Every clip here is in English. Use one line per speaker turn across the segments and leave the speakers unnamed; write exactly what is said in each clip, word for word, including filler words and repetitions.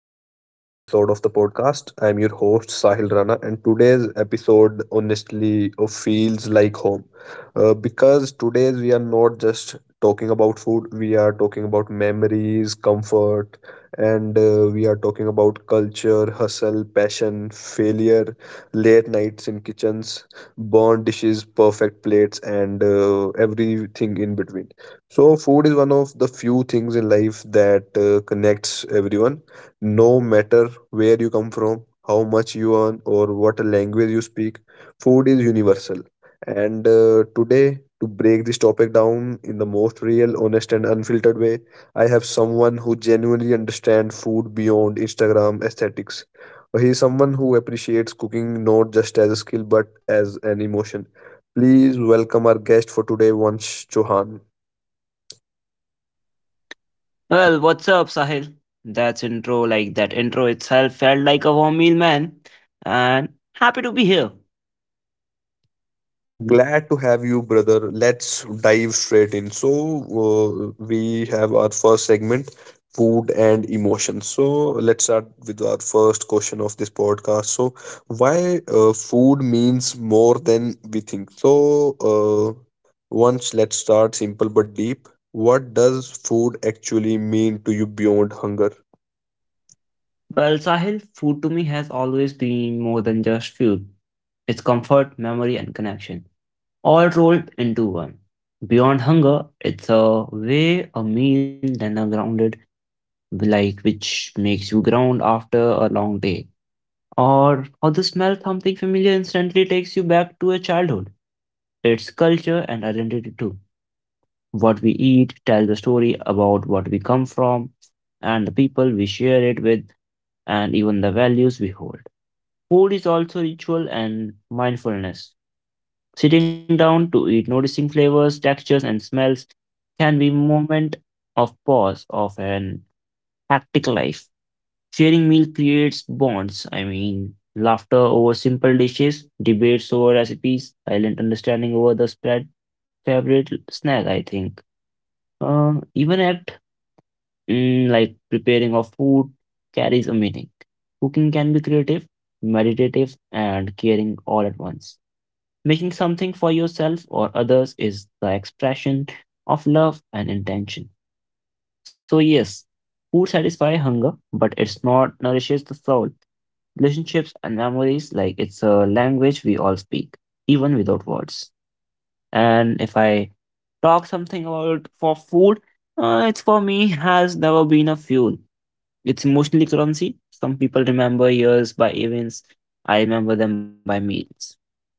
back to another episode of the podcast. I'm your host, Sahil Rana, and today's episode honestly uh, feels like home uh, because today we are not just talking about food, we are talking about memories, comfort, and uh, we are talking about culture, hustle, passion, failure, late nights in kitchens, burnt dishes, perfect plates, and uh, everything in between. So, food is one of the few things in life that uh, connects everyone, no matter where you come from, how much you earn, or what language you speak. Food is universal. And uh, today, to break this topic down in the most real, honest, and unfiltered way, I have someone who genuinely understands food beyond Instagram aesthetics. He is someone who appreciates cooking not just as a skill but as an emotion. Please welcome our guest for today, Vansh Chauhan.
Well, what's up, Sahil? That's intro, like that intro itself felt like a warm meal, man. And happy to be here.
Oh, glad to have you, brother. Let's dive straight in. So, uh, we have our first segment, food and emotions. So, let's start with our first question of this podcast. So, why uh, food means more than we think? So, uh, once let's start simple but deep. What does food actually mean to you beyond hunger?
Well, Sahil, food to me has always been more than just food. It's comfort, memory, and connection, all rolled into one. Beyond hunger, it's a way a meal than a grounded, like which makes you ground after a long day. Or how the smell of something familiar instantly takes you back to your childhood, its culture and identity too. What we eat tells the story about what we come from and the people we share it with and even the values we hold. Food is also ritual and mindfulness. Sitting down to eat, noticing flavors, textures, and smells can be moment of pause of an hectic life. Sharing meal creates bonds. I mean, laughter over simple dishes, debates over recipes, silent understanding over the spread. Favorite snack, I think. Uh, even at Mm, like preparing of food carries a meaning. Cooking can be creative, meditative, and caring all at once. Making something for yourself or others is the expression of love and intention. So, yes, food satisfies hunger, but it's not nourishes the soul. Relationships and memories, like it's a language we all speak, even without words. And if I talk something about for food, uh, it's for me has never been a fuel, it's emotional currency. Some people remember years by events. I remember them by meals.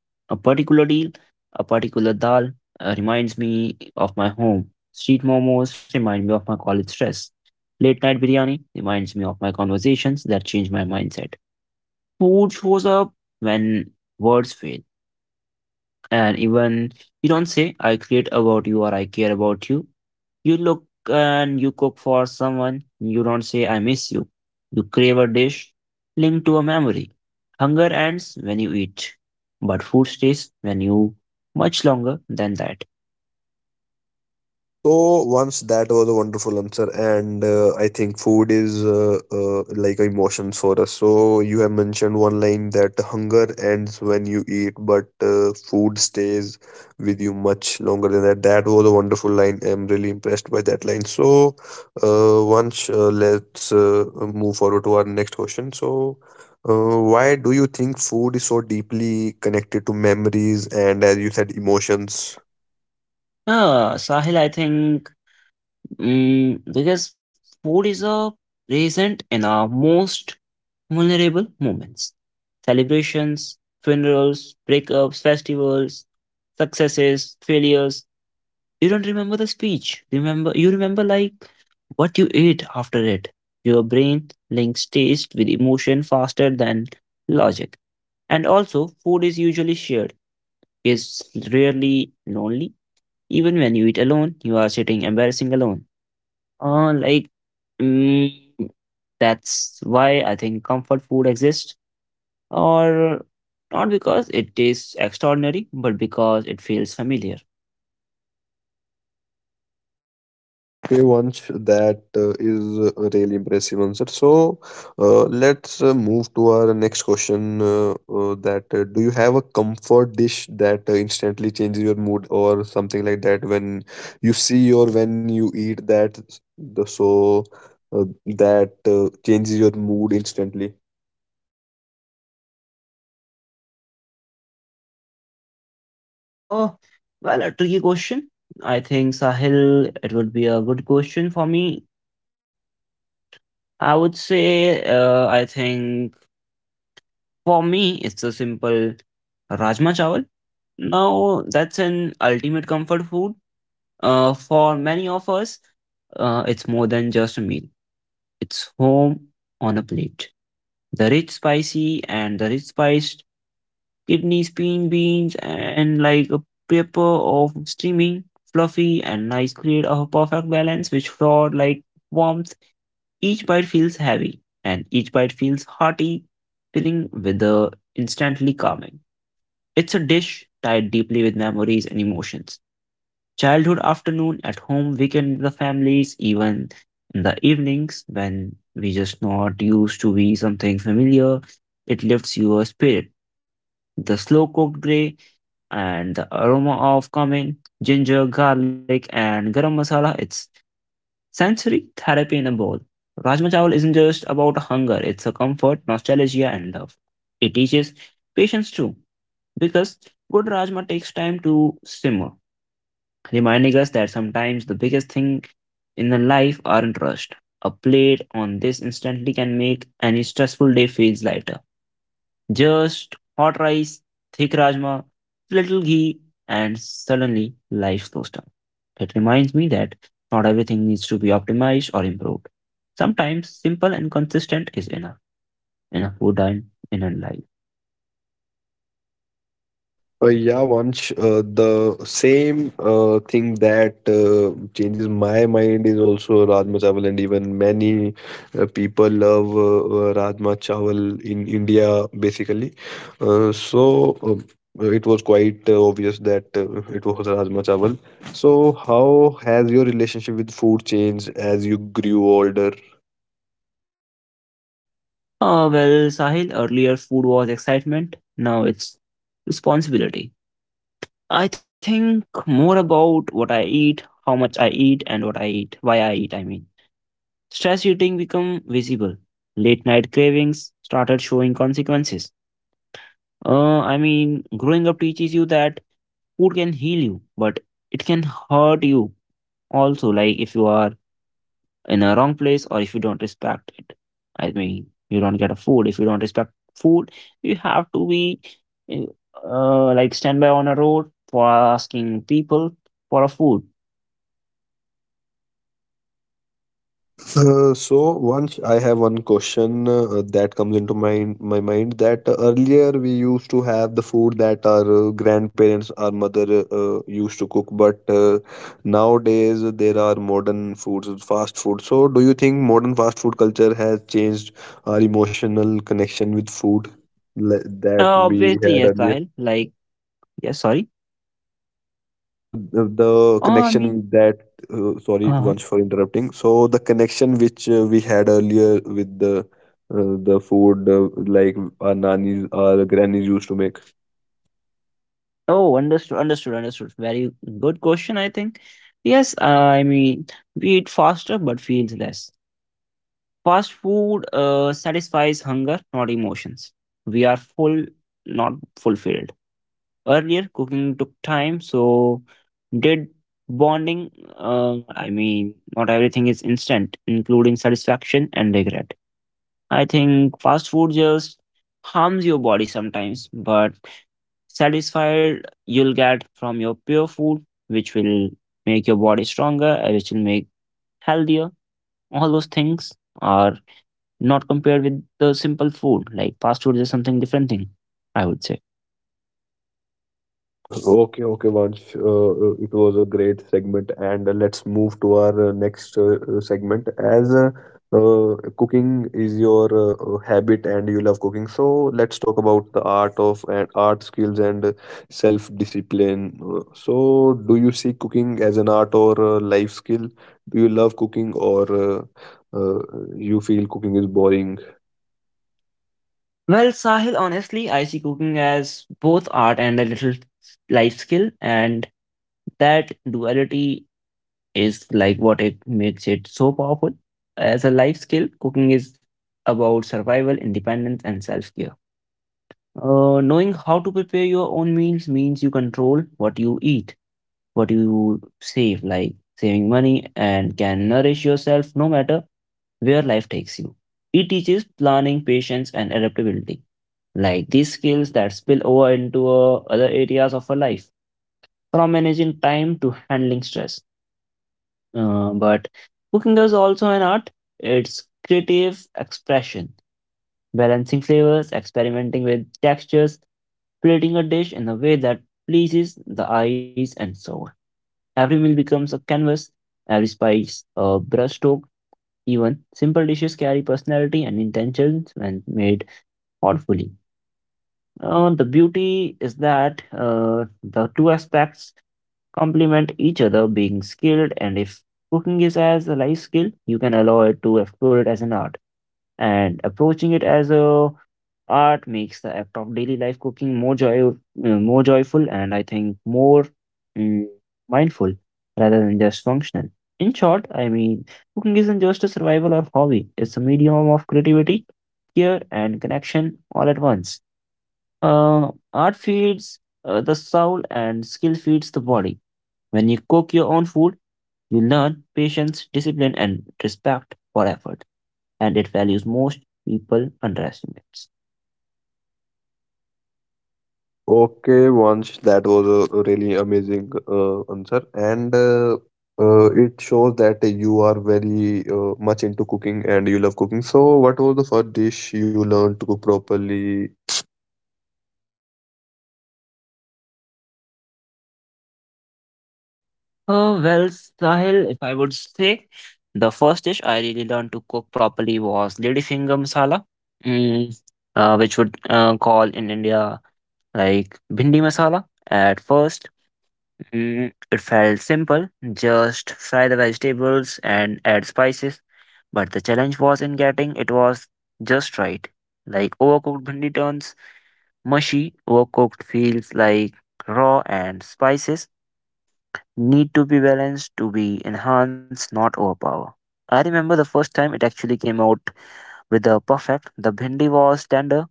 A particular deal, a particular dal uh, reminds me of my home. Street momos remind me of my college stress. Late night biryani reminds me of my conversations that change my mindset. Food shows up when words fail, and even you don't say I create about you or I care about you, you look and you cook for someone. You don't say I miss you, you crave a dish linked to a memory. Hunger ends when you eat, but food stays when you, much longer than that.
Uh, so once that was a wonderful answer, and uh, I think food is uh, uh, like emotions for us. So you have mentioned one line that hunger ends when you eat, but uh, food stays with you much longer than that. That was a wonderful line. I'm really impressed by that line. So uh, once uh, let's uh, move forward to our next question. So uh, why do you think food is so deeply connected to memories and, as you said, emotions?
Uh, sahil I think mm, because food is a present in our most vulnerable moments: celebrations, funerals, breakups, festivals, successes, failures. You don't remember the speech. Remember, you remember like what you ate after it. Your brain links taste with emotion faster than logic. And also, food is usually shared. It's rarely lonely. Even when you eat alone, you are sitting embarrassing alone. Uh, like, mm, that's why I think comfort food exists, or not because it tastes extraordinary, but because it feels familiar.
Uh, Okay, Vansh, that uh, is a really impressive answer. So, uh, let's uh, move to our next question. Uh, uh, that uh, do you have a comfort dish that uh, instantly changes your mood or something like that when you see or when you eat that? The so uh, that uh, changes your mood instantly.
Oh, well, a tricky question. I think, Sahil, it would be a good question for me. I would say, uh, I think for me, it's a simple rajma chawal. Now, that's an ultimate comfort food. Uh, for many of us, uh, it's more than just a meal. It's home on a plate. The rich spicy and the rich spiced kidneys, bean beans, and like a paper of steaming, fluffy and nice, create a perfect balance which fraud like warmth. Each bite feels heavy, and each bite feels hearty, filling with the instantly calming. It's a dish tied deeply with memories and emotions. Childhood afternoon at home, weekend with the families, even in the evenings when we just not used to be something familiar, it lifts your spirit. The slow cooked gray and the aroma of cumin, ginger, garlic, and garam masala. It's sensory therapy in a bowl. Rajma chawal isn't just about hunger, it's a comfort, nostalgia, and love. It teaches patience too, because good rajma takes time to simmer, reminding us that sometimes the biggest thing in the life aren't rushed. A plate on this instantly can make any stressful day feels lighter. Just hot rice, thick rajma, little ghee, and suddenly life slows down. It reminds me that not everything needs to be optimized or improved. Sometimes simple and consistent is enough in a food and in a life.
Uh, yeah, once uh, the same uh, thing that uh, changes my mind is also Rajma Chawal, and even many uh, people love uh, uh, Rajma Chawal in India, basically. Uh, so uh, it was quite uh, obvious that uh, it was Rajma Chawal. So, how has your relationship with food changed as you grew older?
Oh well, Sahil, earlier food was excitement, now it's responsibility. I think more about what I eat, how much I eat, and what I eat, why I eat, I mean. Stress eating become visible. Late night cravings started showing consequences. Uh, I mean, growing up teaches you that food can heal you, but it can hurt you also. Like if you are in a wrong place or if you don't respect it. I mean, you don't get a food. If you don't respect food, you have to be uh, uh, like stand by on a road for asking people for a food.
Uh, so once I have one question uh, that comes into my my mind that earlier we used to have the food that our uh, grandparents, our mother uh, used to cook, but uh, nowadays there are modern foods, fast food. So do you think modern fast food culture has changed our emotional connection with food le- that
Uh,
we
obviously,
had
yes,
earlier?
Sahil. Like, yes, sorry.
uh, uh, the
Uh, I
connection
mean,
with that uh, sorry
uh-huh.
once for interrupting so the connection which uh, we had earlier with the uh, the food uh, like our nannies our grannies used to make
Oh, understood, understood, understood. Very good question, I think. Yes, I mean, we eat faster but feels less. Fast food uh, satisfies hunger, not emotions. We are full, not fulfilled. Earlier, cooking took time, so did bonding. Uh, I mean, not everything is instant, including satisfaction and regret. I think fast food just harms your body sometimes, but satisfied you'll get from your pure food, which will make your body stronger, uh, which will make healthier. All those things are not compared with the simple food. Like fast food is something different thing, I would say.
Okay, okay, Vansh. Uh, uh, it was a great segment, and uh, let's move to our uh, next uh, uh, segment. As uh, uh, cooking is your uh, uh, habit and you love cooking, so let's talk about the art of and art skills and uh, self-discipline. Uh, So, do you see cooking as an art or a life skill? Do you love cooking, or uh, uh, you feel cooking is boring?
Well, Sahil, honestly, I see cooking as both art and a little life skill, and that duality is like what it makes it so powerful. As a life skill, cooking is about survival, independence, and self care. Uh, knowing how to prepare your own meals means you control what you eat, what you save, like saving money, and can nourish yourself no matter where life takes you. It teaches planning, patience, and adaptability, like these skills that spill over into uh, other areas of our life, from managing time to handling stress. Uh, but cooking is also an art. It's creative expression, balancing flavors, experimenting with textures, creating a dish in a way that pleases the eyes and soul. Every meal becomes a canvas, every spice, a brushstroke, even simple dishes carry personality and intentions when made thoughtfully. Uh, the beauty is that uh, the two aspects complement each other, being skilled. And if cooking is as a life skill, you can allow it to explore it as an art. And approaching it as a art makes the act of daily life cooking more joy, uh, more joyful, and I think more mm, mindful rather than just functional. In short, I mean, cooking isn't just a survival or hobby; it's a medium of creativity, care, and connection all at once. Uh, art feeds uh, the soul, and skill feeds the body. When you cook your own food, you learn patience, discipline, and respect for effort, and it values most people underestimates.
Oh, okay, once that was a really amazing uh, answer, and uh, uh, it shows that you are very uh, much into cooking and you love cooking. So, what was the first dish you learned to cook properly?
Oh, well, Sahil, if I would say, the first dish I really learned to cook properly was ladyfinger masala, mm, uh, which would uh, call in India like bhindi masala. At first, Mm, it felt simple, just fry the vegetables and add spices. But the challenge was in getting it was just right. Like overcooked bhindi turns mushy, overcooked feels like raw, and spices need to be balanced to be enhanced, not overpower. I remember the first time it actually came out with the perfect. The bhindi was tender,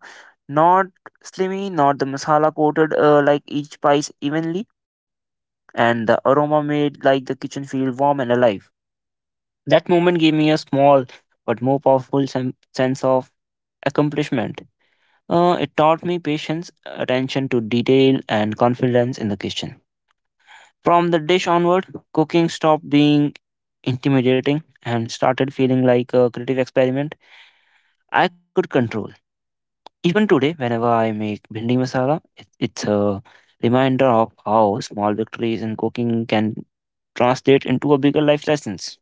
not slimy, not the masala coated uh, like each spice evenly, and the aroma made like the kitchen feel warm and alive. That moment gave me a small but more powerful sen- sense of accomplishment. Uh, it taught me patience, attention to detail, and confidence in the kitchen. From the dish onward, cooking stopped being intimidating and started feeling like a creative experiment I could control. Even today, whenever I make bhindi masala, it, it's a reminder of how small victories in cooking can translate into a bigger life lessons.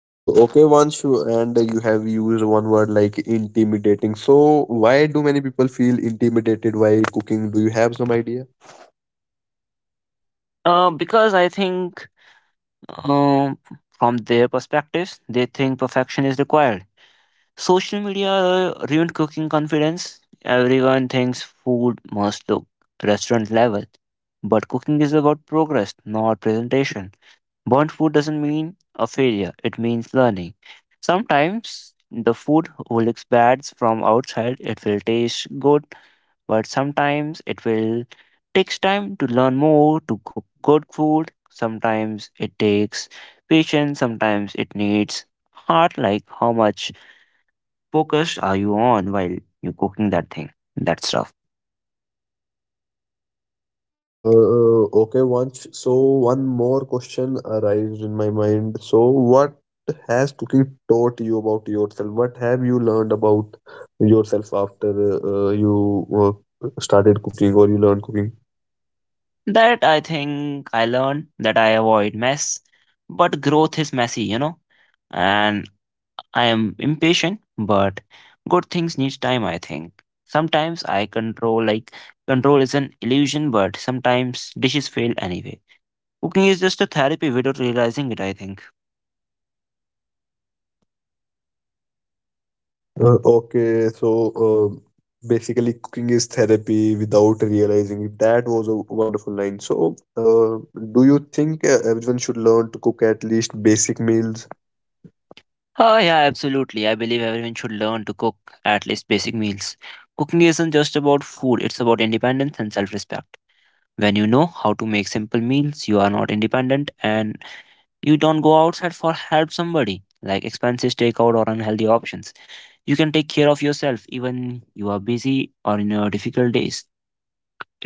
Uh, okay, once you and you have used one word like intimidating. So, why do many people feel intimidated while cooking? Do you have some idea?
Uh, because I think, um, from their perspectives, they think perfection is required. Social media uh, ruined cooking confidence. Everyone thinks food must look restaurant level, but cooking is about progress, not presentation. Burnt food doesn't mean a failure, it means learning. Sometimes the food looks bad from outside, it will taste good, but sometimes it will takes time to learn more to cook good food. Sometimes it takes patience, sometimes it needs heart, like how much focused are you on while you're cooking that thing, that stuff.
Uh, uh, okay, once so one more question arrived in my mind. So, what has cooking taught you about yourself? What have you learned about yourself after uh, uh, you uh, started cooking or you learned cooking?
That I think I learned that I avoid mess, but growth is messy, you know, and I am impatient, but good things need time, I think. Sometimes I control, like, control is an illusion, but sometimes dishes fail anyway. Cooking is just a therapy without realizing it, I think.
Uh, okay, so uh, basically, cooking is therapy without realizing it. That was a wonderful line. So, uh, do you think uh, everyone should learn to cook at least basic meals?
Oh, yeah, absolutely. I believe everyone should learn to cook at least basic meals. Cooking isn't just about food, it's about independence and self respect. When you know how to make simple meals, you are not independent and you don't go outside for help somebody, like expensive takeout or unhealthy options. You can take care of yourself even you are busy or in your difficult days.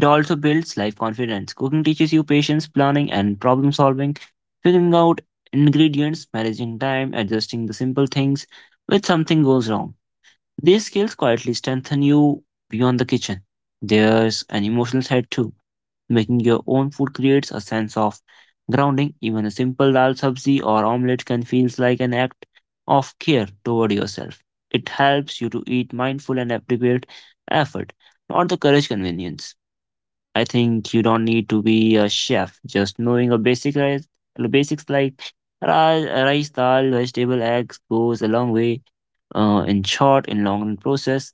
It also builds life confidence. Cooking teaches you patience, planning, and problem solving, figuring out ingredients, managing time, adjusting the simple things when something goes wrong. These skills quietly strengthen you beyond the kitchen. There's an emotional side too. Making your own food creates a sense of grounding. Even a simple dal sabzi or omelette can feel like an act of care toward yourself. It helps you to eat mindful and appropriate effort, not the courage convenience. I think you don't need to be a chef. Just knowing a basic rice, basics like rice, rice, dal, vegetable, eggs goes a long way uh, in short, in long run process,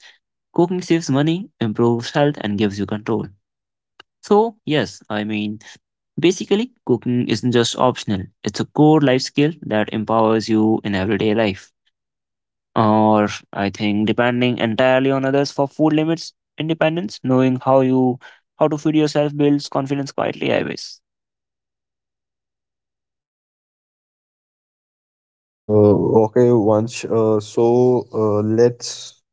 cooking saves money, improves health, and gives you control. So yes, I mean basically cooking isn't just optional. It's a core life skill that empowers you in everyday life. Or I think depending entirely on others for food limits, independence, knowing how you how to feed yourself builds confidence quietly, I guess.
Uh, okay, once. Uh, so uh, let's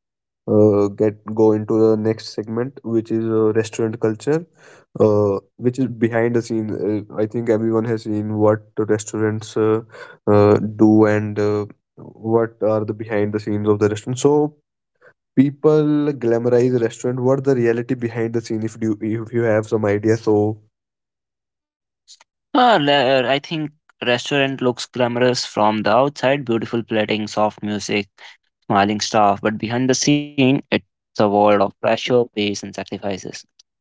uh, get go into the next segment, which is uh, restaurant culture, uh, which is behind the scenes. Uh, I think everyone has seen what the restaurants uh, uh, do and uh, what are the behind the scenes of the restaurant. So people glamorize restaurant. What the reality behind the scene? If you if you have some idea, so
Ah, le- uh, I think restaurant looks glamorous from the outside, beautiful plating, soft music, smiling staff, but behind the scene, it's a world of pressure, pace, and sacrifices.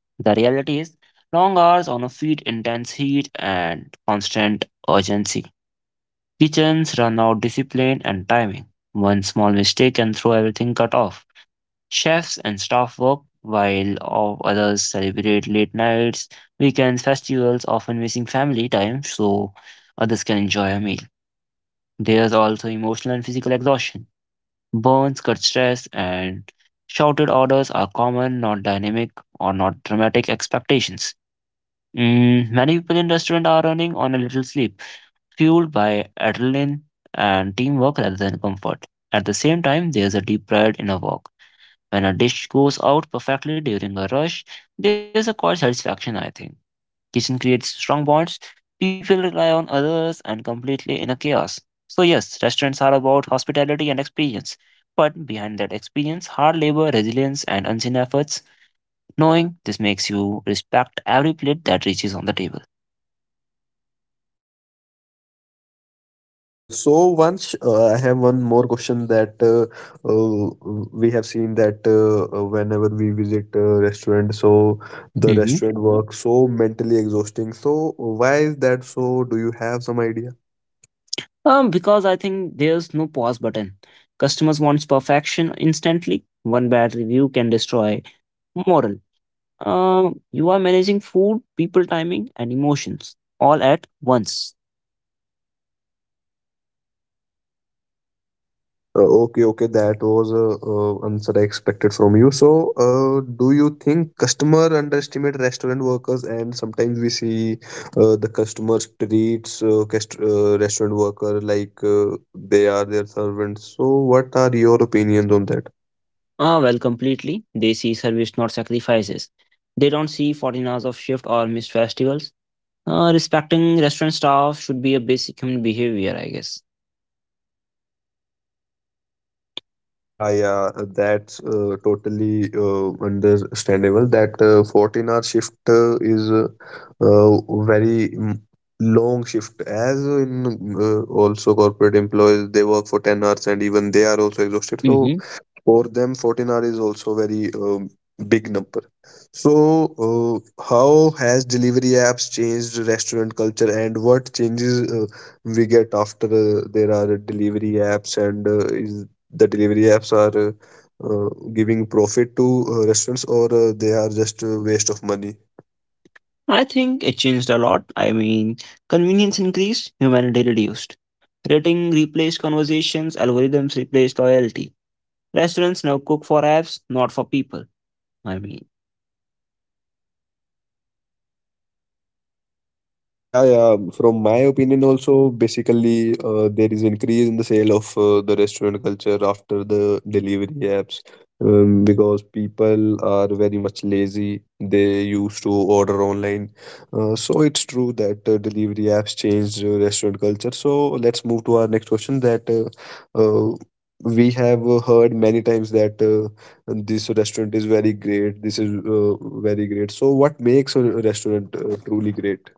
The reality is long hours on a feed, intense heat, and constant urgency. Kitchens run out discipline and timing. One small mistake can throw everything cut off. Chefs and staff work while all others celebrate late nights, weekends, festivals, often missing family time so others can enjoy a meal. There's also emotional and physical exhaustion. Burns cut stress, and shouted orders are common, not dynamic or not dramatic expectations. Mm, many people in restaurant are running on a little sleep, fueled by adrenaline and teamwork rather than comfort. At the same time, there's a deep pride in a walk. When a dish goes out perfectly during a rush, there's a quiet satisfaction, I think. Kitchen creates strong bonds, people rely on others, and completely in a chaos. So, yes, restaurants are about hospitality and experience. But behind that experience, hard labor, resilience, and unseen efforts. Knowing this makes you respect every plate that reaches on the table.
Uh, so once uh, I have one more question that uh, uh, we have seen that uh, uh, whenever we visit a restaurant, so the
hmm
restaurant works so mentally exhausting. So why is that so? Do you have some idea?
Um, because I think there's no pause button. Customers wants perfection instantly. One bad review can destroy moral. Um, you are managing food, people timing, and emotions all at once.
Uh, okay, okay, that was a uh, answer I expected from you. So, uh, do you think customer underestimate restaurant workers, and sometimes we see uh, the customers treats uh, cust- uh, restaurant worker like uh, they are their servants. So, what are your opinions on that?
Ah, well, completely. They see service, not sacrifices. They don't see fourteen hours of shift or missed festivals. Uh, respecting restaurant staff should be a basic human behavior, I guess.
Yeah, yeah, uh, that's uh, totally uh, understandable. That uh, fourteen hour shift uh, is uh, uh, very mm, long shift. As in uh, also corporate employees, they work for ten hours and even they are also exhausted. So
hmm
for them, fourteen hour is also very um, big number. So uh, how has delivery apps changed restaurant culture and what changes uh, we get after uh, there are delivery apps and uh, is the delivery apps are uh, uh, giving profit to uh, restaurants or uh, they are just a waste of money?
I think it changed a lot. I mean, convenience increased, humanity reduced. Rating replaced conversations, algorithms replaced loyalty. Restaurants now cook for apps, not for people. I mean,
Uh, yeah, yeah. From my opinion, also, basically, uh, there is increase in the sale of uh, the restaurant culture after the delivery apps, um, because people are very much lazy. They used to order online, uh, so it's true that uh, delivery apps changed uh, restaurant culture. So let's move to our next question. That uh, uh, we have uh, heard many times that uh, this restaurant is very great. This is uh, very great. So what makes a restaurant uh, truly great?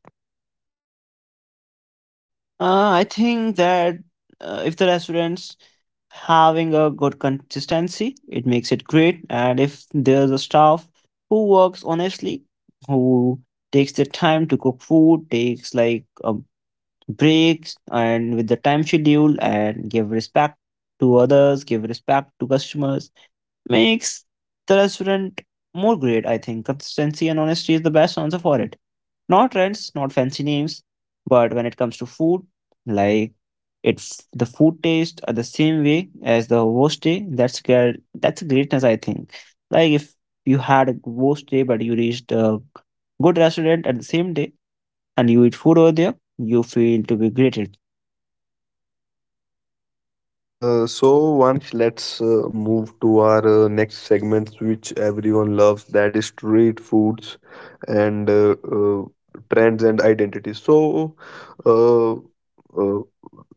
uh, I think that uh, if the restaurants having a good consistency, it makes it great, and if there's a staff who works honestly, who takes the time to cook food, takes like um, breaks and with the time schedule and give respect to others, give respect to customers, makes the restaurant more great. I think consistency and honesty is the best answer for it. Not trends, not fancy names, but when it comes to food, like it's the food taste are the same way as the worst day. That's great. That's greatness, I think. Like if you had a worst day, but you reached a good restaurant at the same day and you eat food over there, you feel to be greeted.
Uh, so once let's uh, move to our uh, next segment, which everyone loves, that is street foods and uh, uh, trends and identity. So uh, uh,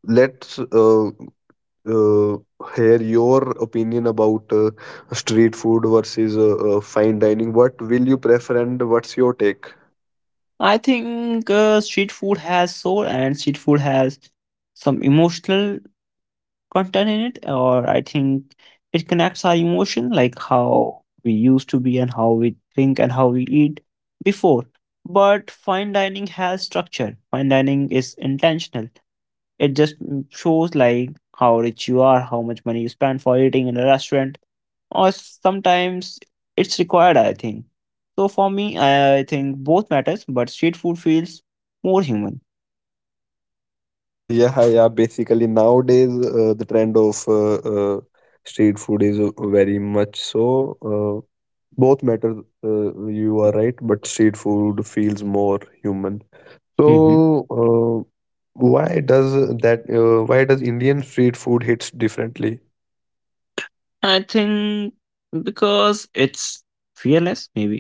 let's uh, uh, hear your opinion about uh, street food versus uh, uh, fine dining. What will you prefer, and what's your take?
I think uh, street food has soul and street food has some emotional content in it, or I think it connects our emotion, like how we used to be and how we think and how we eat before. But fine dining has structure, fine dining is intentional. It just mm, shows like how rich you are, how much money you spend for eating in a restaurant, or sometimes it's required, I think. So for me, I think both matters, but street food feels more human.
Yeah, yeah. Basically, nowadays uh, the trend of uh, uh, street food is uh, very much so. Uh, both matter. Uh, you are right, but street food feels more human.
hmm
So, uh, why does that? Uh, why does Indian street food hits differently?
I think because it's fearless, maybe.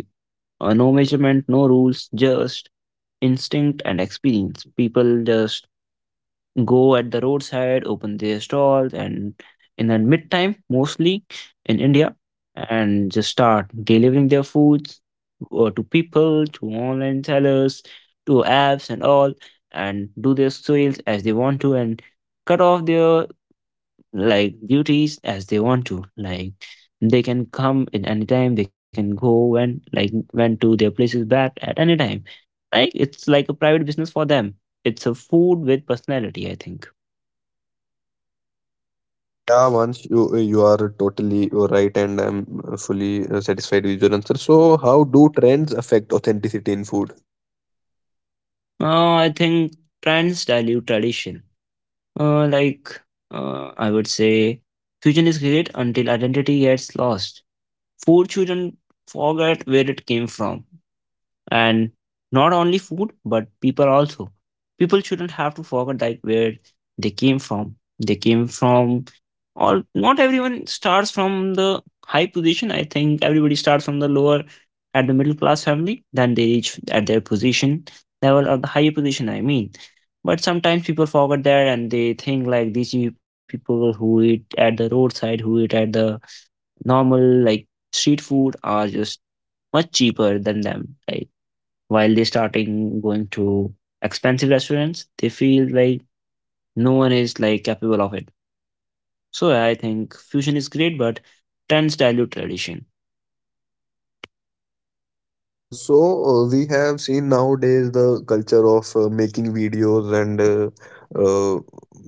Uh, no measurement, no rules, just instinct and experience. People just go at the roadside, open their stalls, and in the midtime, mostly in India, and just start delivering their foods uh, to people, to online sellers, to apps, and all, and do their sales as they want to, and cut off their like duties as they want to, like they can come at any time, they can go when like when to their places back at any time, like it's like a private business for them. It's a food with personality, I think.
Uh, uh, yeah, once you you are totally right, and I'm fully uh, satisfied with your answer. So, how do trends affect authenticity in food?
uh, I think trends dilute tradition. uh, like uh, I would say fusion is great until identity gets lost. Food shouldn't forget where it came from. And not only food but people also, people shouldn't have to forget like where they came from they came from. All, not everyone starts from the high position. I think everybody starts from the lower, at the middle class family, then they reach at their position level or the higher position, I mean. But sometimes people forget that, and they think like these you people who eat at the roadside, who eat at the normal, like street food, are just much cheaper than them. Like while they starting going to expensive restaurants, they feel like no one is like capable of it. So I think fusion is great, but trends dilute tradition.
Uh, so uh, we have seen nowadays the culture of uh, making videos and uh, uh,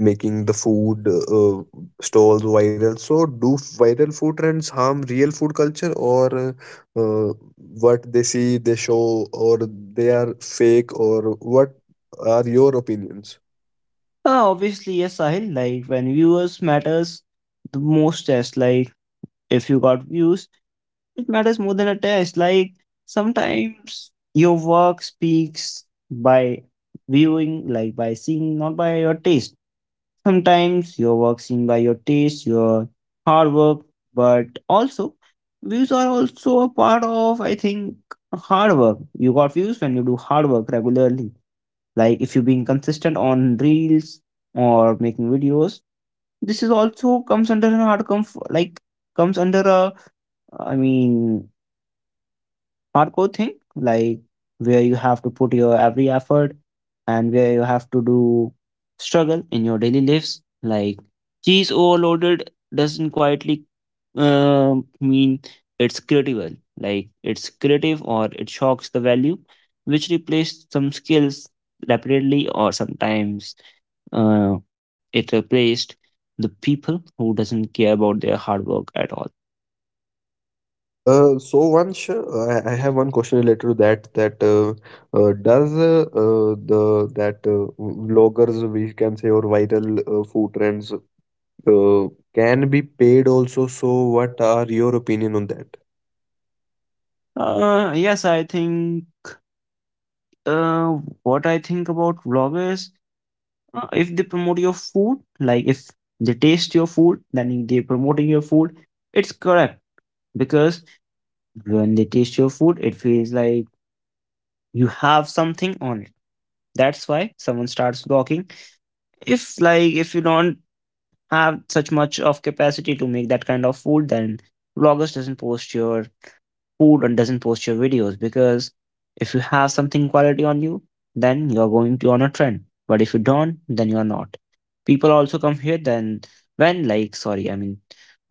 making the food uh, stalls viral. So do viral food trends harm real food culture or uh, uh, what they see they show or they are fake or what are your opinions?
uh, Obviously yes, Sahil. Like when viewers matters the most test, like if you got views, it matters more than a test. Like sometimes your work speaks by viewing, like by seeing, not by your taste. Sometimes your work seen by your taste, your hard work, but also views are also a part of, I think, hard work. You got views when you do hard work regularly. Like if you're being consistent on reels or making videos, this is also comes under an hard comf like comes under a, i mean hardcore thing, like where you have to put your every effort and where you have to do struggle in your daily lives. Like cheese overloaded doesn't quietly uh, mean it's critical. Like it's creative or it shocks the value, which replaced some skills rapidly or sometimes uh, it replaced the people who doesn't care about their hard work at all.
Uh, so Vansh, uh, I I have one question related to that. That uh, uh, does uh, uh, the that uh, vloggers we can say or viral uh, food trends uh, can be paid also? So what are your opinion on that?
Uh, yes, I think Uh, what I think about vloggers, uh, if they promote your food, like if they taste your food, then they promoting your food. It's correct because when they taste your food, it feels like you have something on it. That's why someone starts vlogging. If like if you don't have such much of capacity to make that kind of food, then vloggers doesn't post your food and doesn't post your videos because if you have something quality on you, then you're going to on a trend. But if you don't, then you're not. People also come here then when like sorry, I mean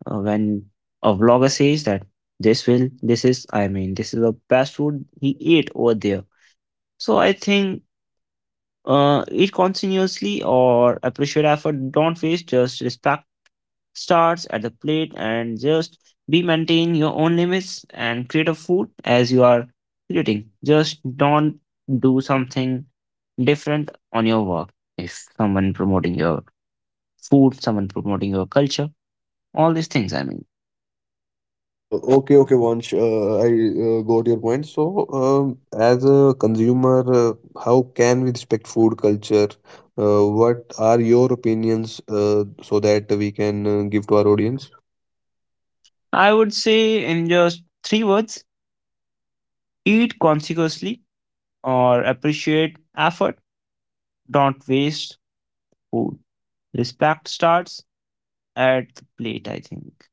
uh, when a vlogger says that this will this is I mean this is the best food he ate over there. So I think uh, eat continuously or appreciate effort. Don't waste, just respect starts at the plate, and just be maintain your own limits and create a food as you are creating. Just don't do something different on your work. If someone promoting your food, someone promoting your culture, all these things, I mean.
Uh, okay, okay, Vansh, uh, I uh, got your point. So um, as a consumer, uh, how can we respect food culture? Uh, what are your opinions uh, so that we can uh, give to our audience?
I would say in just three words, eat consciously or appreciate effort. Don't waste food. Respect starts at the plate, I think.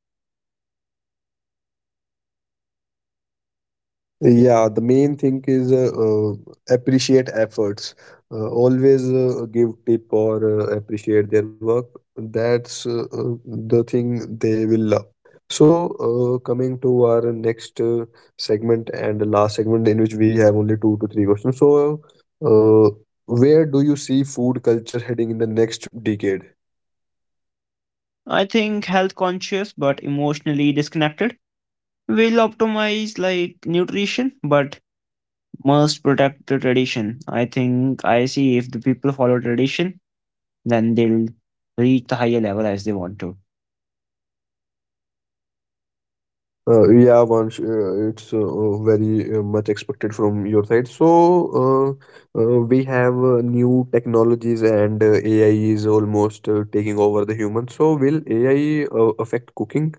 Yeah, the main thing is uh, uh, appreciate efforts. Uh, always uh, give tip or uh, appreciate their work. That's uh, uh, the thing they will love. So, uh, coming to our next uh, segment and the last segment in which we have only two to three questions. So, uh, where do you see food culture heading in the next decade?
I think health conscious but emotionally disconnected. We'll optimize like nutrition, but must protect the tradition. I think I see if the people follow tradition, then they'll reach the higher level as they want to.
Uh, yeah, Vansh, uh, it's uh, uh, very uh, much expected from your side. So, uh, uh, we have uh, new technologies and uh, A I is almost uh, taking over the human. So, will A I uh, affect cooking?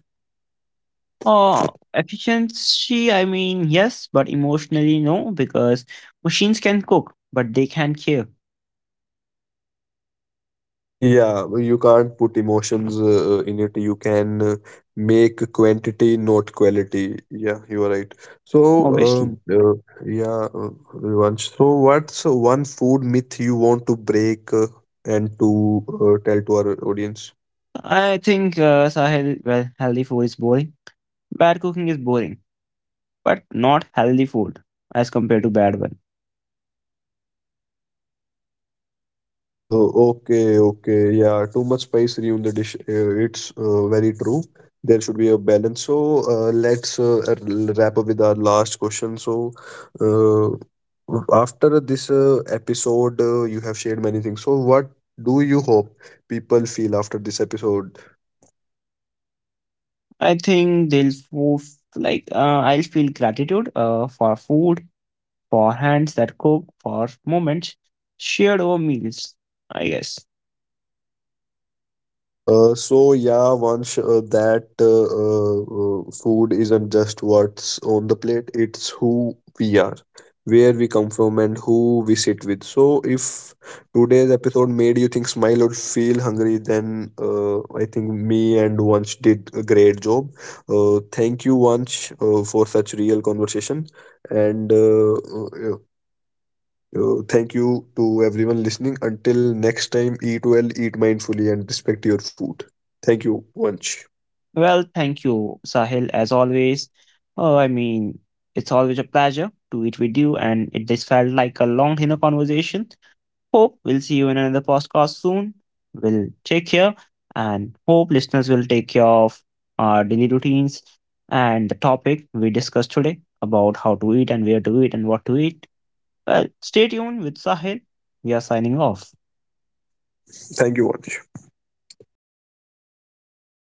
Uh, Efficiency, I mean, yes, but emotionally, no, because machines can cook, but they can't care,
Yeah, well, you can't put emotions uh, in it. You can uh, make quantity, not quality. Yeah, you are right. So,
obviously.
um, uh, yeah, uh, Vansh. So, what's one food myth you want to break uh, and to uh, tell to our audience?
I think, uh, Sahil, well, healthy food is boring. Bad cooking is boring, but not healthy food as compared to bad one.
Uh, okay, okay, yeah. Too much spice in the dish. Uh, it's uh, very true. There should be a balance. So uh, let's uh, r- wrap up with our last question. So uh, after this uh, episode, uh, you have shared many things. So what do you hope people feel after this episode?
I think they'll fo- like uh, I'll feel gratitude uh, for food, for hands that cook, for moments shared over meals. I guess.
Uh, so yeah, once uh, that uh, uh, uh, food isn't just what's on the plate, it's who we are, where we come from, and who we sit with. So if today's episode made you think, smile, or feel hungry, then uh, I think me and Vansh did a great job. Uh, thank you, Vansh, uh, for such real conversation. And uh, uh, uh, thank you to everyone listening. Until next time, eat well, eat mindfully, and respect your food. Thank you, Vanch.
Well, thank you, Sahil, as always. Oh, I mean, it's always a pleasure to eat with you, and it this felt like a long dinner conversation. Hope we'll see you in another podcast soon. We'll take care, and hope listeners will take care of our daily routines and the topic we discussed today about how to eat and where to eat and what to eat. Well, stay tuned with Sahil. We are signing off.
Thank you, Vanch.